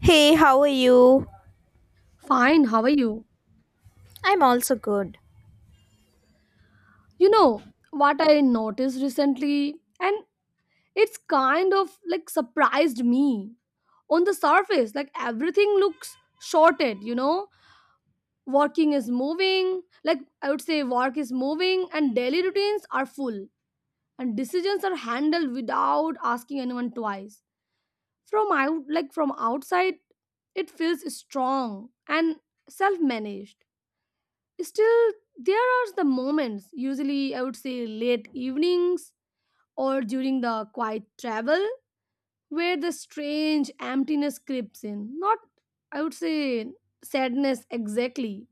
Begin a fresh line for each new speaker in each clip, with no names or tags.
Hey, how are you?
Fine, how are you?
I'm also good.
You know, what I noticed recently, and it's kind of like surprised me. On the surface, like everything looks sorted, you know? Working is moving, like I would say, work is moving, and daily routines are full, and decisions are handled without asking anyone twice. From outside, it feels strong and self-managed. Still, there are the moments, usually I would say late evenings or during the quiet travel, where the strange emptiness creeps in. Not, I would say, sadness exactly,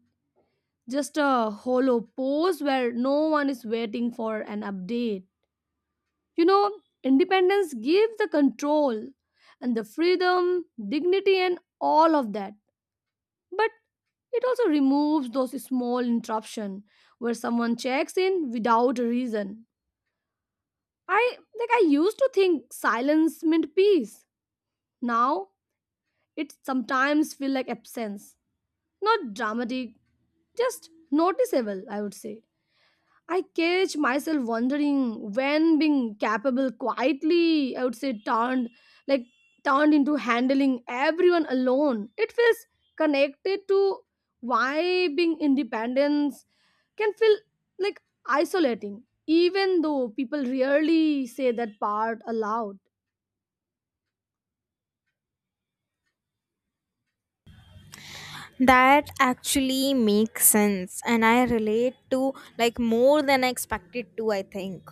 just a hollow pause where no one is waiting for an update. You know, independence gives the control and the freedom, dignity, and all of that. But it also removes those small interruption where someone checks in without a reason. I used to think silence meant peace. Now it sometimes feel like absence. Not dramatic, just noticeable, I would say. I catch myself wondering when being capable quietly, I would say, turned like turned into handling everyone alone. It feels connected to why being independence can feel like isolating, even though people rarely say that part aloud.
That actually makes sense and I relate to more than I expected to, I think.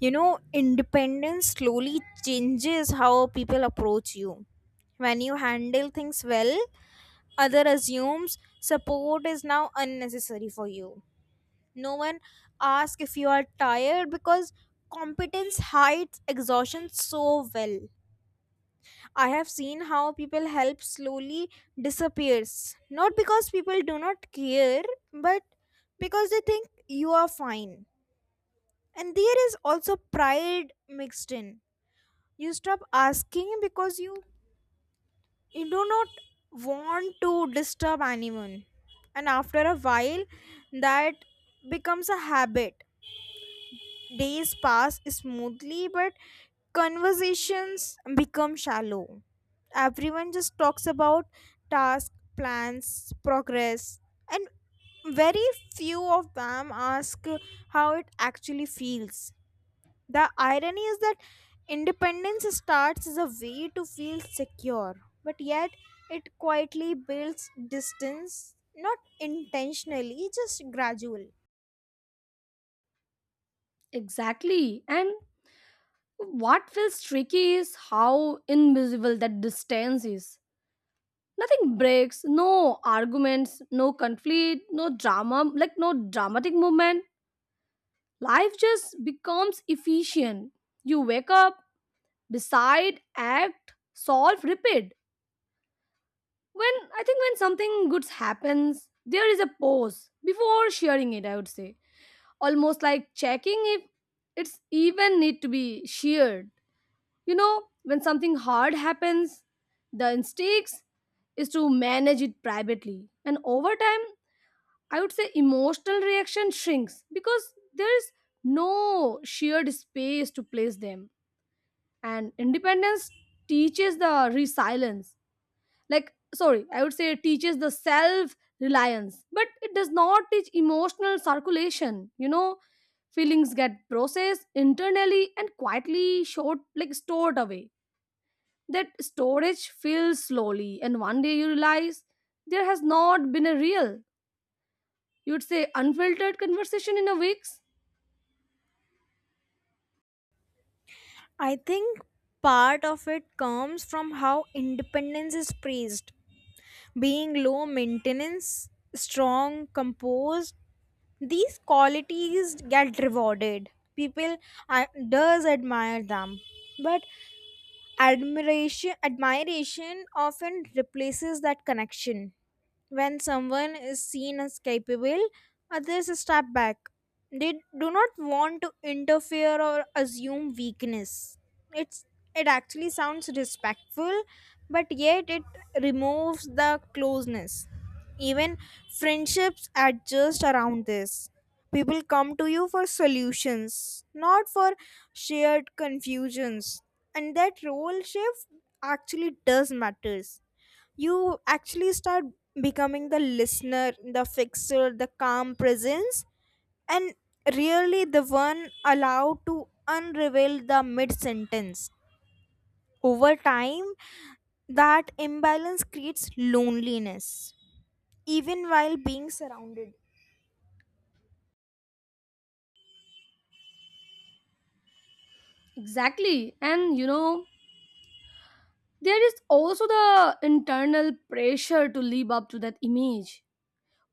You know, independence slowly changes how people approach you. When you handle things well, other assumes support is now unnecessary for you. No one asks if you are tired because competence hides exhaustion so well. I have seen how people help slowly disappears. Not because people do not care, but because they think you are fine. And there is also pride mixed in. You stop asking because you do not want to disturb anyone. And after a while, that becomes a habit. Days pass smoothly, but conversations become shallow. Everyone just talks about tasks, plans, progress, and very few of them ask how it actually feels. The irony is that independence starts as a way to feel secure, but yet it quietly builds distance, not intentionally, just gradual.
Exactly. And what feels tricky is how invisible that distance is. Nothing breaks, no arguments, no conflict, no drama, like no dramatic movement. Life just becomes efficient. You wake up, decide, act, solve, repeat. When I think when something good happens, there is a pause before sharing it, I would say. Almost like checking if it's even need to be shared. When something hard happens, the instincts is to manage it privately. And over time, I would say emotional reaction shrinks because there is no shared space to place them. And independence teaches the resilience. Like, sorry, I would say it teaches the self reliance, but it does not teach emotional circulation. Feelings get processed internally and quietly short, like stored away. That storage fills slowly, and one day you realize there has not been a real. You'd say unfiltered conversation in a weeks?
I think part of it comes from how independence is praised. Being low maintenance, strong, composed, these qualities get rewarded. People I- does admire them. But admiration often replaces that connection. When someone is seen as capable, others step back. They do not want to interfere or assume weakness. It's it actually sounds respectful, but yet it removes the closeness. Even friendships adjust around this. People come to you for solutions, not for shared confusions. And that role shift actually does matters. You actually start becoming the listener, the fixer, the calm presence, and really the one allowed to unravel the mid sentence. Over time, that imbalance creates loneliness even while being surrounded.
Exactly. And there is also the internal pressure to live up to that image.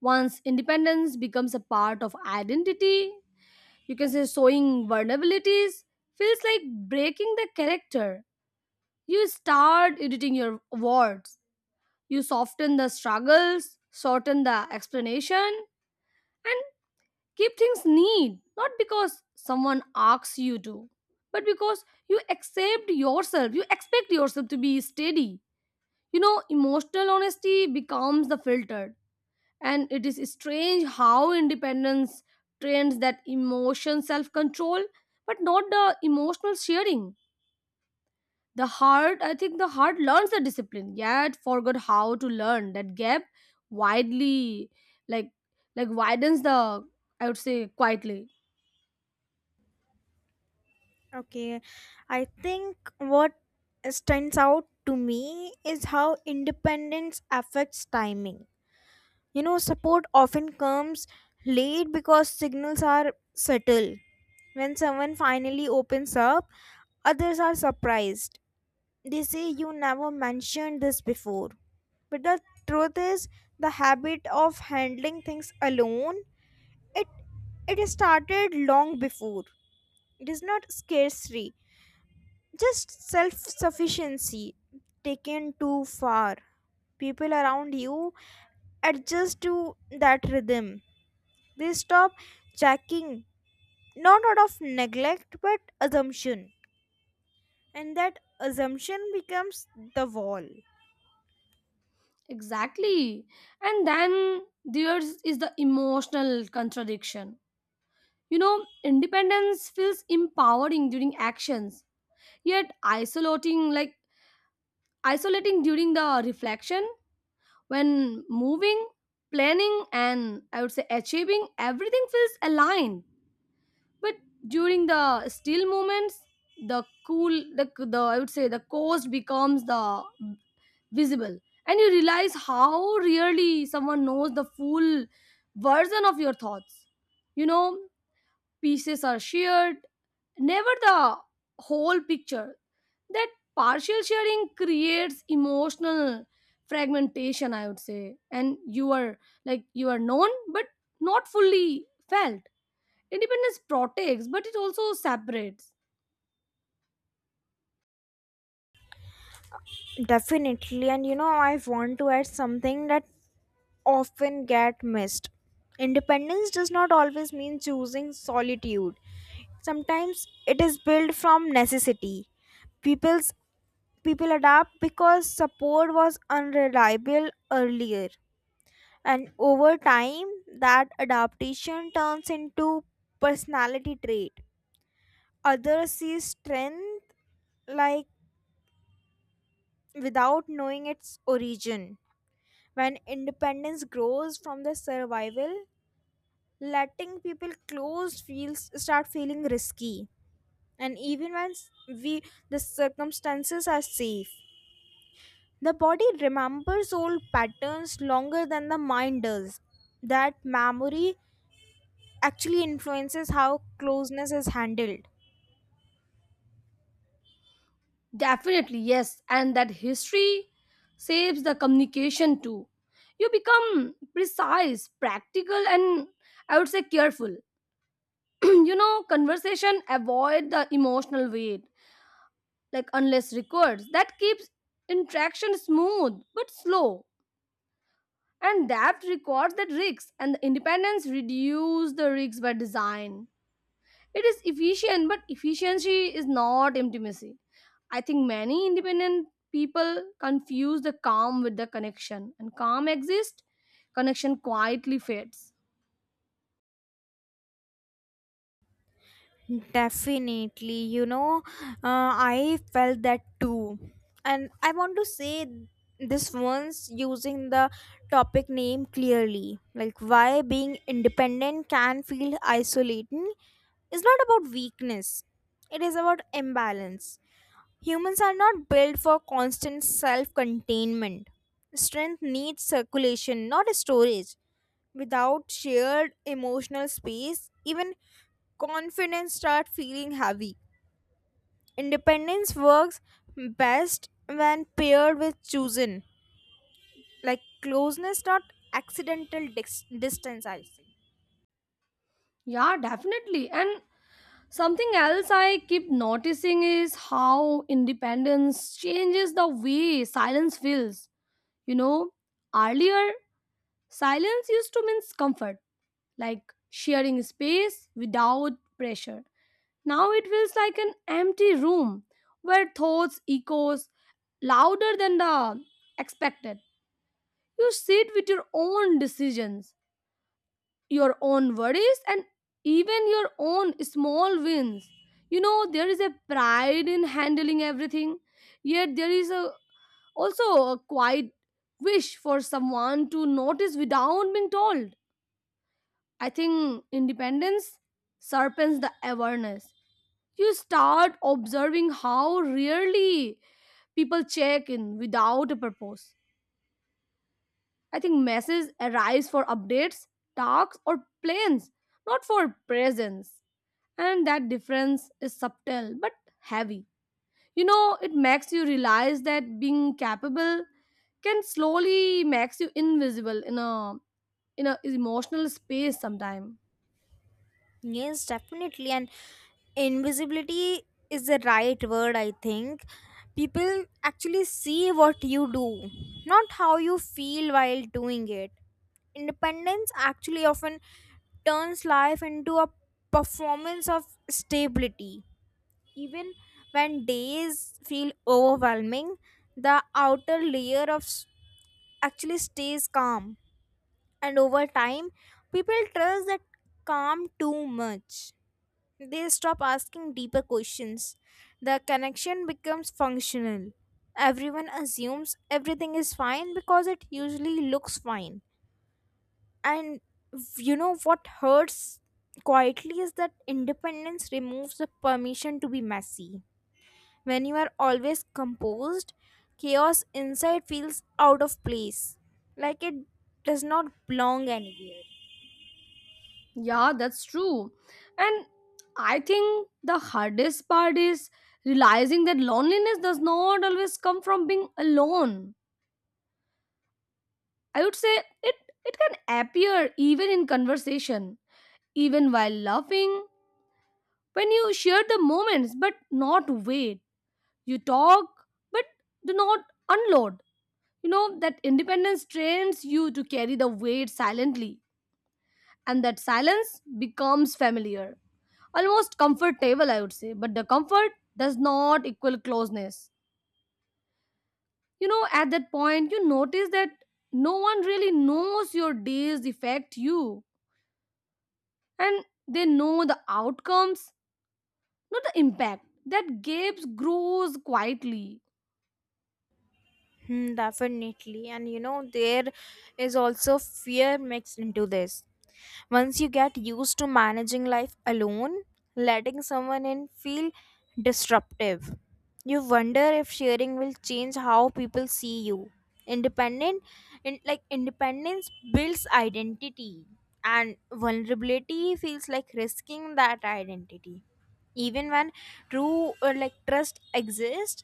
Once independence becomes a part of identity, you can say showing vulnerabilities feels like breaking the character. You start editing your words. You soften the struggles, shorten the explanation, and keep things neat, not because someone asks you to, but because you accept yourself, you expect yourself to be steady. Emotional honesty becomes the filter, and it is strange how independence trains that emotion self control, but not the emotional sharing. I think the heart learns the discipline, yet forgot how to learn that gap widely, like like widens the I would say quietly.
Okay, I think what stands out to me is how independence affects timing. You know, support often comes late because signals are subtle. When someone finally opens up, others are surprised. They say, "You never mentioned this before." But the truth is, the habit of handling things alone, it it is started long before. It is not scarcity, just self sufficiency taken too far. People around you adjust to that rhythm. They stop checking, not out of neglect but assumption, and that assumption becomes the wall.
Exactly. And then there's is the emotional contradiction. Independence feels empowering during actions, yet isolating during the reflection when moving, planning and I would say achieving everything feels aligned. But during the still moments, the cool the I would say the coast becomes the visible, and you realize how rarely someone knows the full version of your thoughts. you know pieces are shared, never the whole picture. That partial sharing creates emotional fragmentation, I would say, and you are like you are known but not fully felt. Independence protects but it also separates.
Definitely, and you know, I want to add something that often get missed. Independence does not always mean choosing solitude. Sometimes it is built from necessity. People's people adapt because support was unreliable earlier. And over time, that adaptation turns into personality trait. Others see strength, like without knowing its origin. When independence grows from the survival, letting people close feels start feeling risky. And even when we the circumstances are safe, the body remembers old patterns longer than the mind does. That memory actually influences how closeness is handled.
Definitely, yes. And that history saves the communication too. You become precise, practical, and I would say careful. Conversation avoid the emotional weight, like unless records. That keeps interaction smooth but slow. And that records that risks and the independence reduce the risks by design. It is efficient, but efficiency is not intimacy. I think many independent people confuse the calm with the connection, and calm exists, connection quietly fades.
Definitely, you know, I felt that too. And I want to say this once using the topic name clearly. Like, why being independent can feel isolating is not about weakness, it is about imbalance. Humans are not built for constant self containment. Strength needs circulation, not storage. Without shared emotional space, even confidence start feeling heavy. Independence works best when paired with chosen, like closeness, not accidental distance. I say.
Yeah, definitely. And something else I keep noticing is how independence changes the way silence feels. You know, earlier, silence used to mean comfort, like sharing space without pressure. Now it feels like an empty room where thoughts echoes louder than the expected. You sit with your own decisions, your own worries and even your own small wins. You know there is a pride in handling everything, yet there is a also a quiet wish for someone to notice without being told. I think independence sharpens the awareness. You start observing how rarely people check in without a purpose. I think messages arise for updates, talks, or plans, not for presence. And that difference is subtle but heavy. It makes you realize that being capable can slowly makes you invisible in a emotional space sometime.
Yes, definitely. And invisibility is the right word, I think. People actually see what you do, not how you feel while doing it. Independence actually often turns life into a performance of stability. Even when days feel overwhelming, the outer layer of actually stays calm. And over time, people trust that calm too much. They stop asking deeper questions. The connection becomes functional. Everyone assumes everything is fine because it usually looks fine. And you know what hurts quietly is that independence removes the permission to be messy. When you are always composed, chaos inside feels out of place, like it does not belong anywhere.
Yeah, that's true. And I think the hardest part is realizing that loneliness does not always come from being alone. I would say it can appear even in conversation, even while laughing, when you share the moments but not wait. You talk but do not unload. You know that independence trains you to carry the weight silently, and that silence becomes familiar, almost comfortable, I would say. But the comfort does not equal closeness. You know at that point you notice that no one really knows your days affect you, and they know the outcomes, not the impact. That gap grows quietly.
Hmm, definitely. And you know, there is also fear mixed into this. Once you get used to managing life alone, letting someone in feel disruptive. You wonder if sharing will change how people see you. Independent in like Independence builds identity and vulnerability feels like risking that identity. Even when true or like trust exists,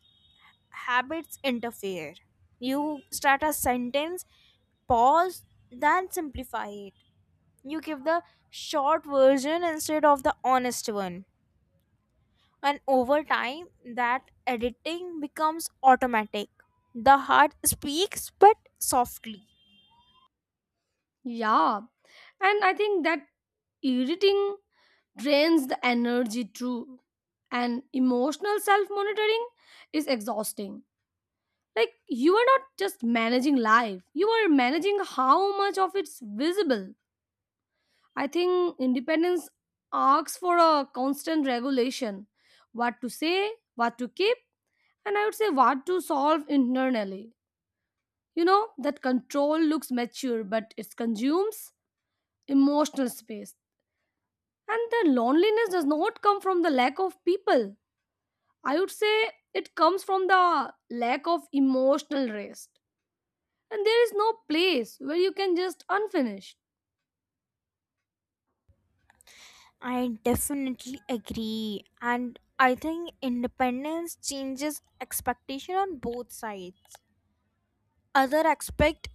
habits interfere. You start a sentence, pause, then simplify it. You give the short version instead of the honest one. And over time, that editing becomes automatic. The heart speaks, but softly.
Yeah, and I think that irritating drains the energy too, and emotional self monitoring is exhausting. Like, you are not just managing life, you are managing how much of it's visible. I think independence asks for a constant regulation, what to say, what to keep, and I would say what to solve internally. That control looks mature, but it consumes emotional space. And the loneliness does not come from the lack of people. I would say it comes from the lack of emotional rest. And there is no place where you can just unfinished.
I definitely agree. And I think independence changes expectation on both sides. Other expect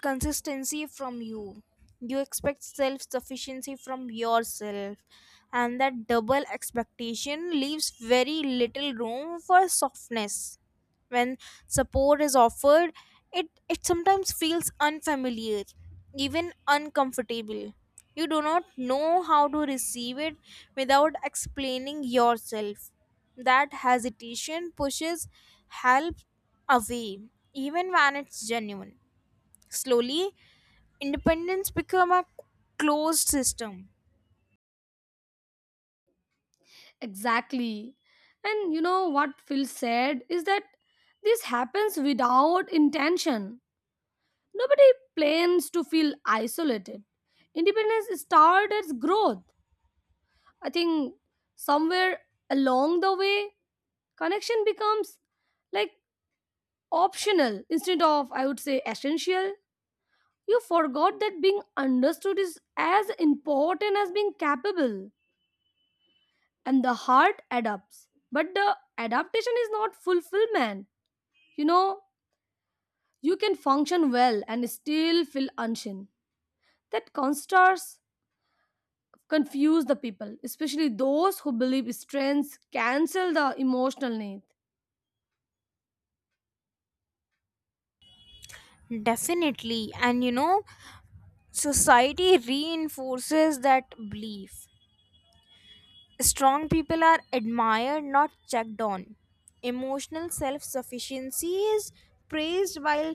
consistency from you. You expect self sufficiency from yourself, and that double expectation leaves very little room for softness when support is offered. It it sometimes feels unfamiliar, even uncomfortable. You do not know how to receive it without explaining yourself. That hesitation pushes help away even when it's genuine. Slowly, independence become a closed system.
Exactly. And you know what phil said is that this happens without intention. Nobody plans to feel isolated. Independence started as growth. I think somewhere along the way connection becomes like optional instead of I would say essential. You forgot that being understood is as important as being capable, and the heart adapts. But the adaptation is not fulfillment. You know, you can function well and still feel unshin. That contrast confuse the people, especially those who believe strengths cancel the emotional need.
Definitely, and you know, society reinforces that belief. Strong people are admired, not checked on. Emotional self sufficiency is praised, while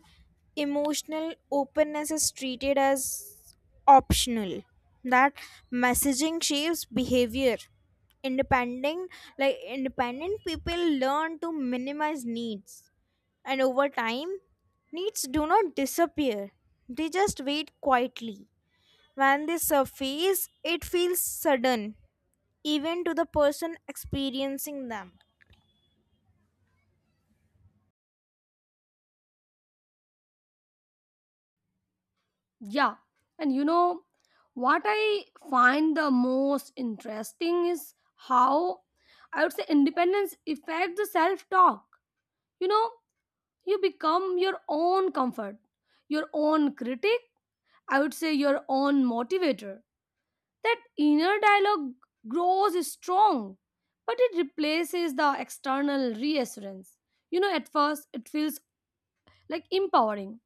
emotional openness is treated as optional. That messaging shapes behavior. Independent, Independent people learn to minimize needs, and over time, needs do not disappear. They just wait quietly. When they surface, it feels sudden even to the person experiencing them.
Yeah, and you know what I find the most interesting is how I would say independence affects the self-talk. You know, you become your own comfort, your own critic, I would say your own motivator. That inner dialogue grows strong, but it replaces the external reassurance. At first it feels like empowering,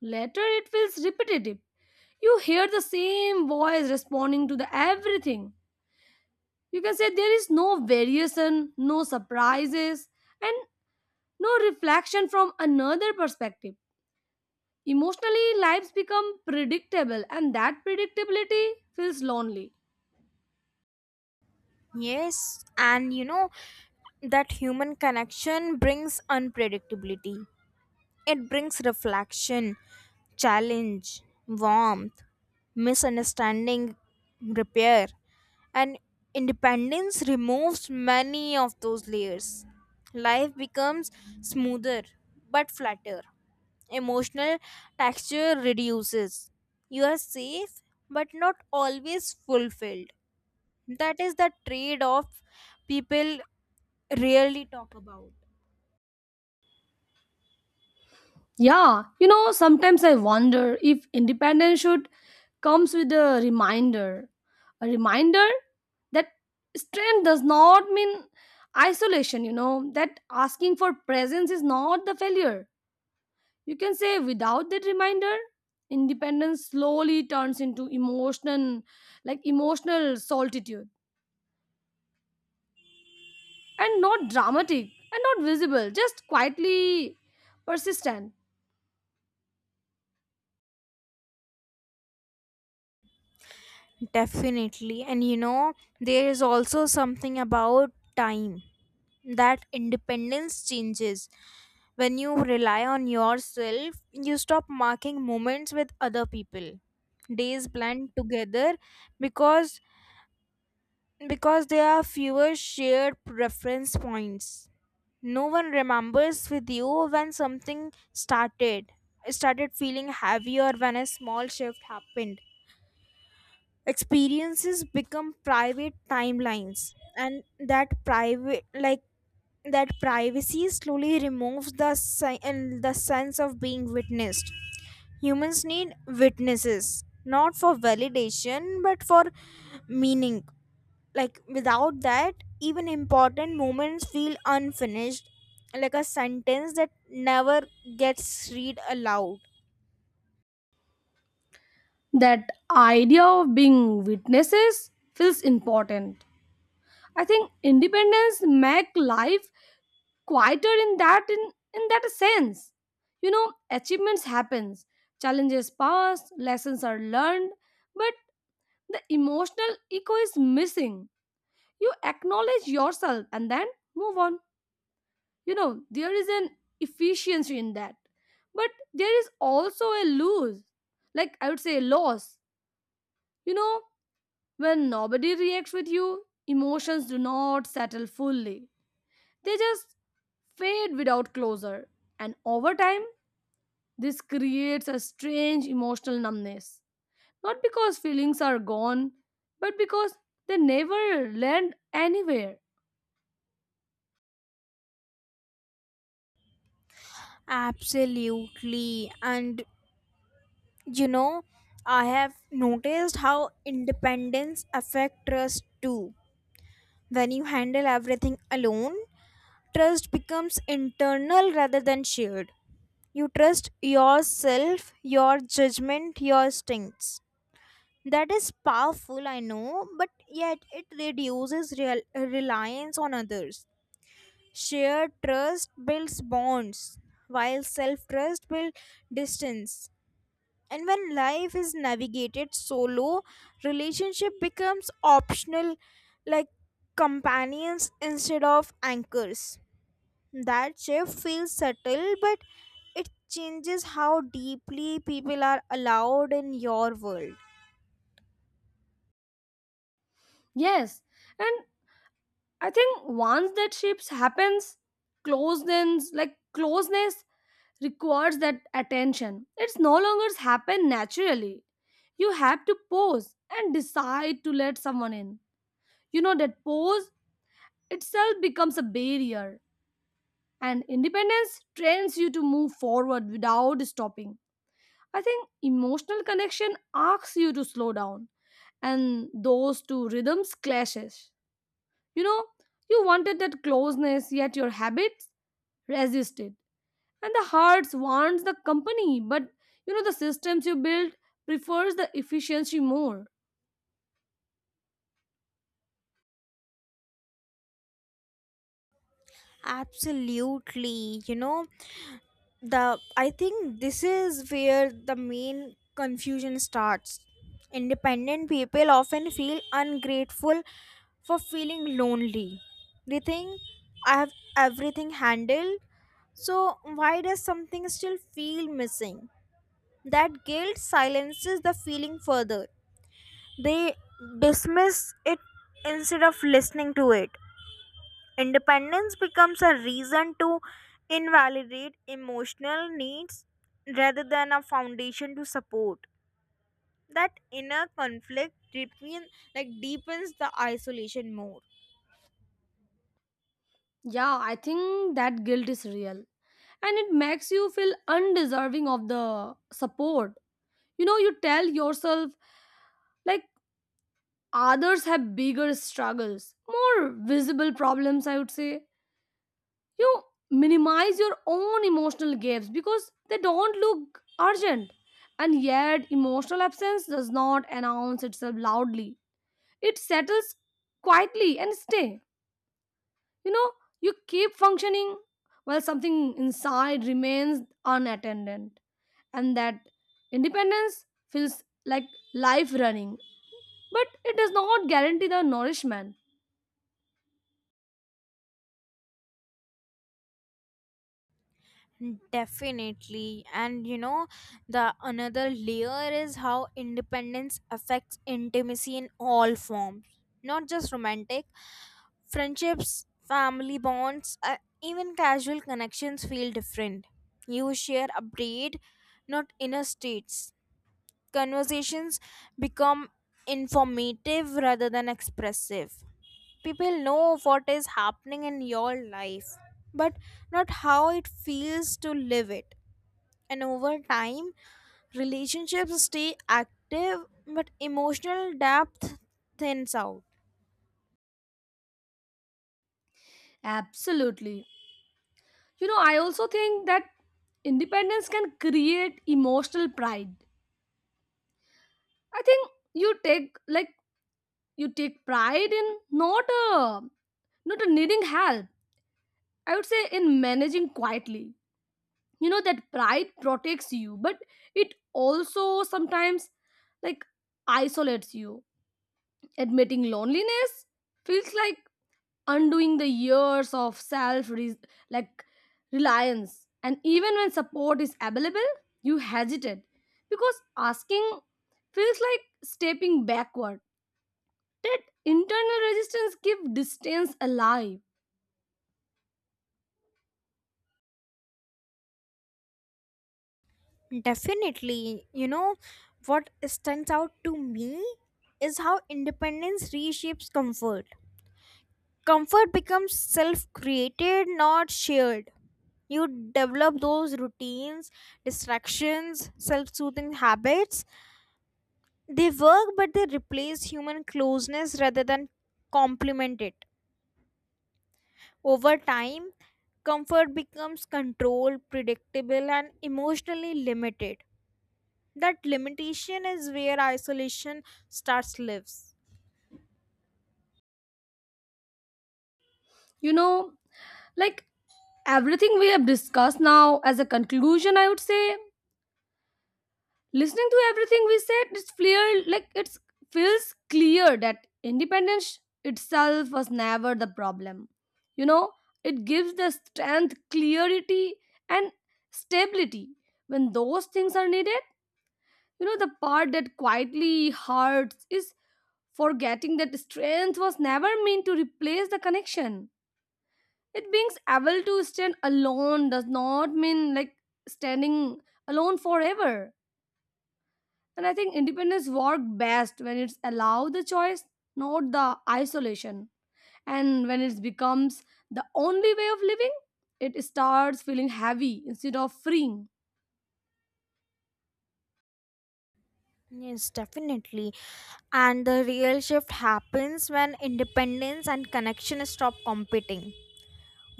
later it feels repetitive. You hear the same voice responding to the everything. You can say there is no variation, no surprises, and no reflection from another perspective. Emotionally, lives become predictable, and that predictability feels lonely.
Yes, and you know that human connection brings unpredictability. It brings reflection, challenge, warmth, misunderstanding, repair, and independence removes many of those layers. Life becomes smoother but flatter. Emotional texture reduces. You are safe but not always fulfilled. That is the trade off people rarely talk about.
Yeah, sometimes I wonder if independence should comes with a reminder that strength does not mean isolation, that asking for presence is not the failure. You can say without that reminder, independence slowly turns into emotional emotional solitude, and not dramatic and not visible, just quietly persistent.
Definitely. And you know, there is also something about time that independence changes. When you rely on yourself, you stop marking moments with other people. Days blend together because because there are fewer shared reference points. No one remembers with you when something started. I started feeling heavier when a small shift happened. Experiences become private timelines, and that private like that privacy slowly removes the si- and the sense of being witnessed. Humans need witnesses, not for validation but for meaning, like without that even important moments feel unfinished, like a sentence that never gets read aloud.
That idea of being witnesses feels important. I think independence make life quieter in that, in that sense. Achievements happens, challenges pass, lessons are learned, but the emotional echo is missing. You acknowledge yourself and then move on. There is an efficiency in that, but there is also a lose, like I would say loss. You know when nobody reacts with you, emotions do not settle fully. They just fade without closure. And over time, this creates a strange emotional numbness. Not because feelings are gone, but because they never land anywhere.
Absolutely, and you know, I have noticed how independence affects trust too. When you handle everything alone, trust becomes internal rather than shared. You trust yourself, your judgment, your instincts. That is powerful, I know, but yet it reduces reliance on others. Shared trust builds bonds, while self trust builds distance. And when life is navigated solo, relationship becomes optional, like companions instead of anchors. That shift feels subtle, but it changes how deeply people are allowed in your world.
Yes, and I think once that shifts happens, closeness requires that attention. It's no longer happen naturally. You have to pause and decide to let someone in. You know that pause itself becomes a barrier, and independence trains you to move forward without stopping. I think emotional connection asks you to slow down, and those two rhythms clashes. You know, you wanted that closeness yet your habits resist it, and the hearts wants the company, but you know the systems you build prefers the efficiency more.
Absolutely, you know, the I think this is where the main confusion starts. Independent people often feel ungrateful for feeling lonely. They think, "I have everything handled, so why does something still feel missing?" That guilt silences the feeling further. They dismiss it instead of listening to it. Independence becomes a reason to invalidate emotional needs rather than a foundation to support. That inner conflict deepens the isolation more.
Yeah, I think that guilt is real, and it makes you feel undeserving of the support. You know you tell yourself, like, others have bigger struggles, more visible problems, I would say. You minimize your own emotional gaps because they don't look urgent, and yet emotional absence does not announce itself loudly. It settles quietly and stay. you know you keep functioning while something inside remains unattended, and that independence feels like life running, but it does not guarantee the nourishment.
Definitely. And you know, the another layer is how independence affects intimacy in all forms, not just romantic. Friendships, family bonds, even casual connections feel different. You share update, not inner states. Conversations become informative rather than expressive. People know what is happening in your life, but not how it feels to live it. And over time, relationships stay active, but emotional depth thins out.
Absolutely. You know I also think that independence can create emotional pride. I think you take pride in not a not a needing help, I would say, in managing quietly. That pride protects you but it also sometimes, like, isolates you. Admitting loneliness feels like undoing the years of self re- like reliance. And even when support is available you hesitate because asking feels like stepping backward. That internal resistance give distance alive.
Definitely. You know, what stands out to me is how independence reshapes comfort. Comfort becomes self created, not shared. You develop those routines, distractions, self soothing habits. They work, but they replace human closeness rather than complement it. Over time, comfort becomes controlled, predictable, and emotionally limited. That limitation is where isolation starts lives.
you know like everything we have discussed now as a conclusion, I would say, listening to everything we said, it's clear like it feels clear that independence itself was never the problem. You know, it gives the strength, clarity, and stability. When those things are needed, the part that quietly hurts is forgetting that strength was never meant to replace the connection. It being able to stand alone does not mean, like, standing alone forever. And I think independence work best when it's allow the choice, not the isolation. And when it becomes the only way of living, it starts feeling heavy instead of freeing.
Yes, definitely. And the real shift happens when independence and connection stop competing.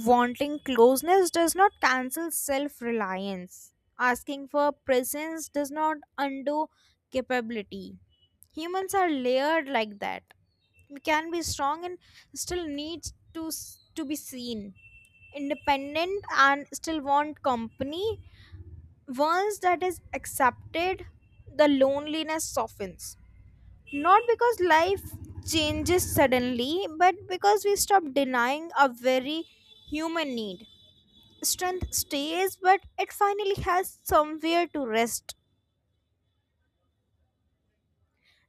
Wanting closeness does not cancel self-reliance. Asking for presence does not undo capability. Humans are layered like that. We can be strong and still need to to be seen, independent and still want company. Once that is accepted, the loneliness softens. Not because life changes suddenly, but because we stop denying a very human need. Strength stays, but it finally has somewhere to rest.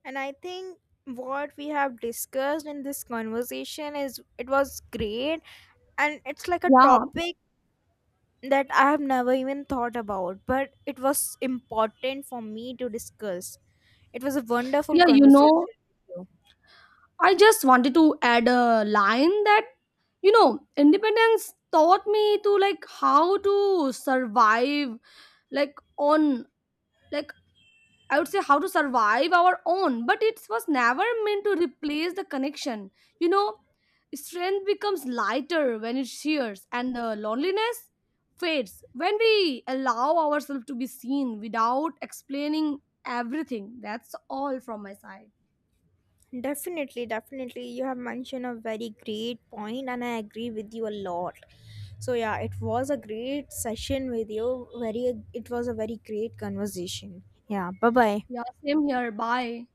And I think what we have discussed in this conversation is it was great, and it's like a
Yeah.
topic that I have never even thought about, but it was important for me to discuss. It was a wonderful
Yeah,
conversation with
I just wanted to add a line that, independence taught me to like how to survive, like on like I would say how to survive our own, but it was never meant to replace the connection. You know, strength becomes lighter when it shears, and the loneliness fades when we allow ourselves to be seen without explaining everything. That's all from my side.
you. Definitely, definitely. You have mentioned a very great point, and I agree with you a lot. So yeah, it was a great session with you. Very, it was a very great conversation. Yeah. Bye bye.
Yeah, same here. Bye.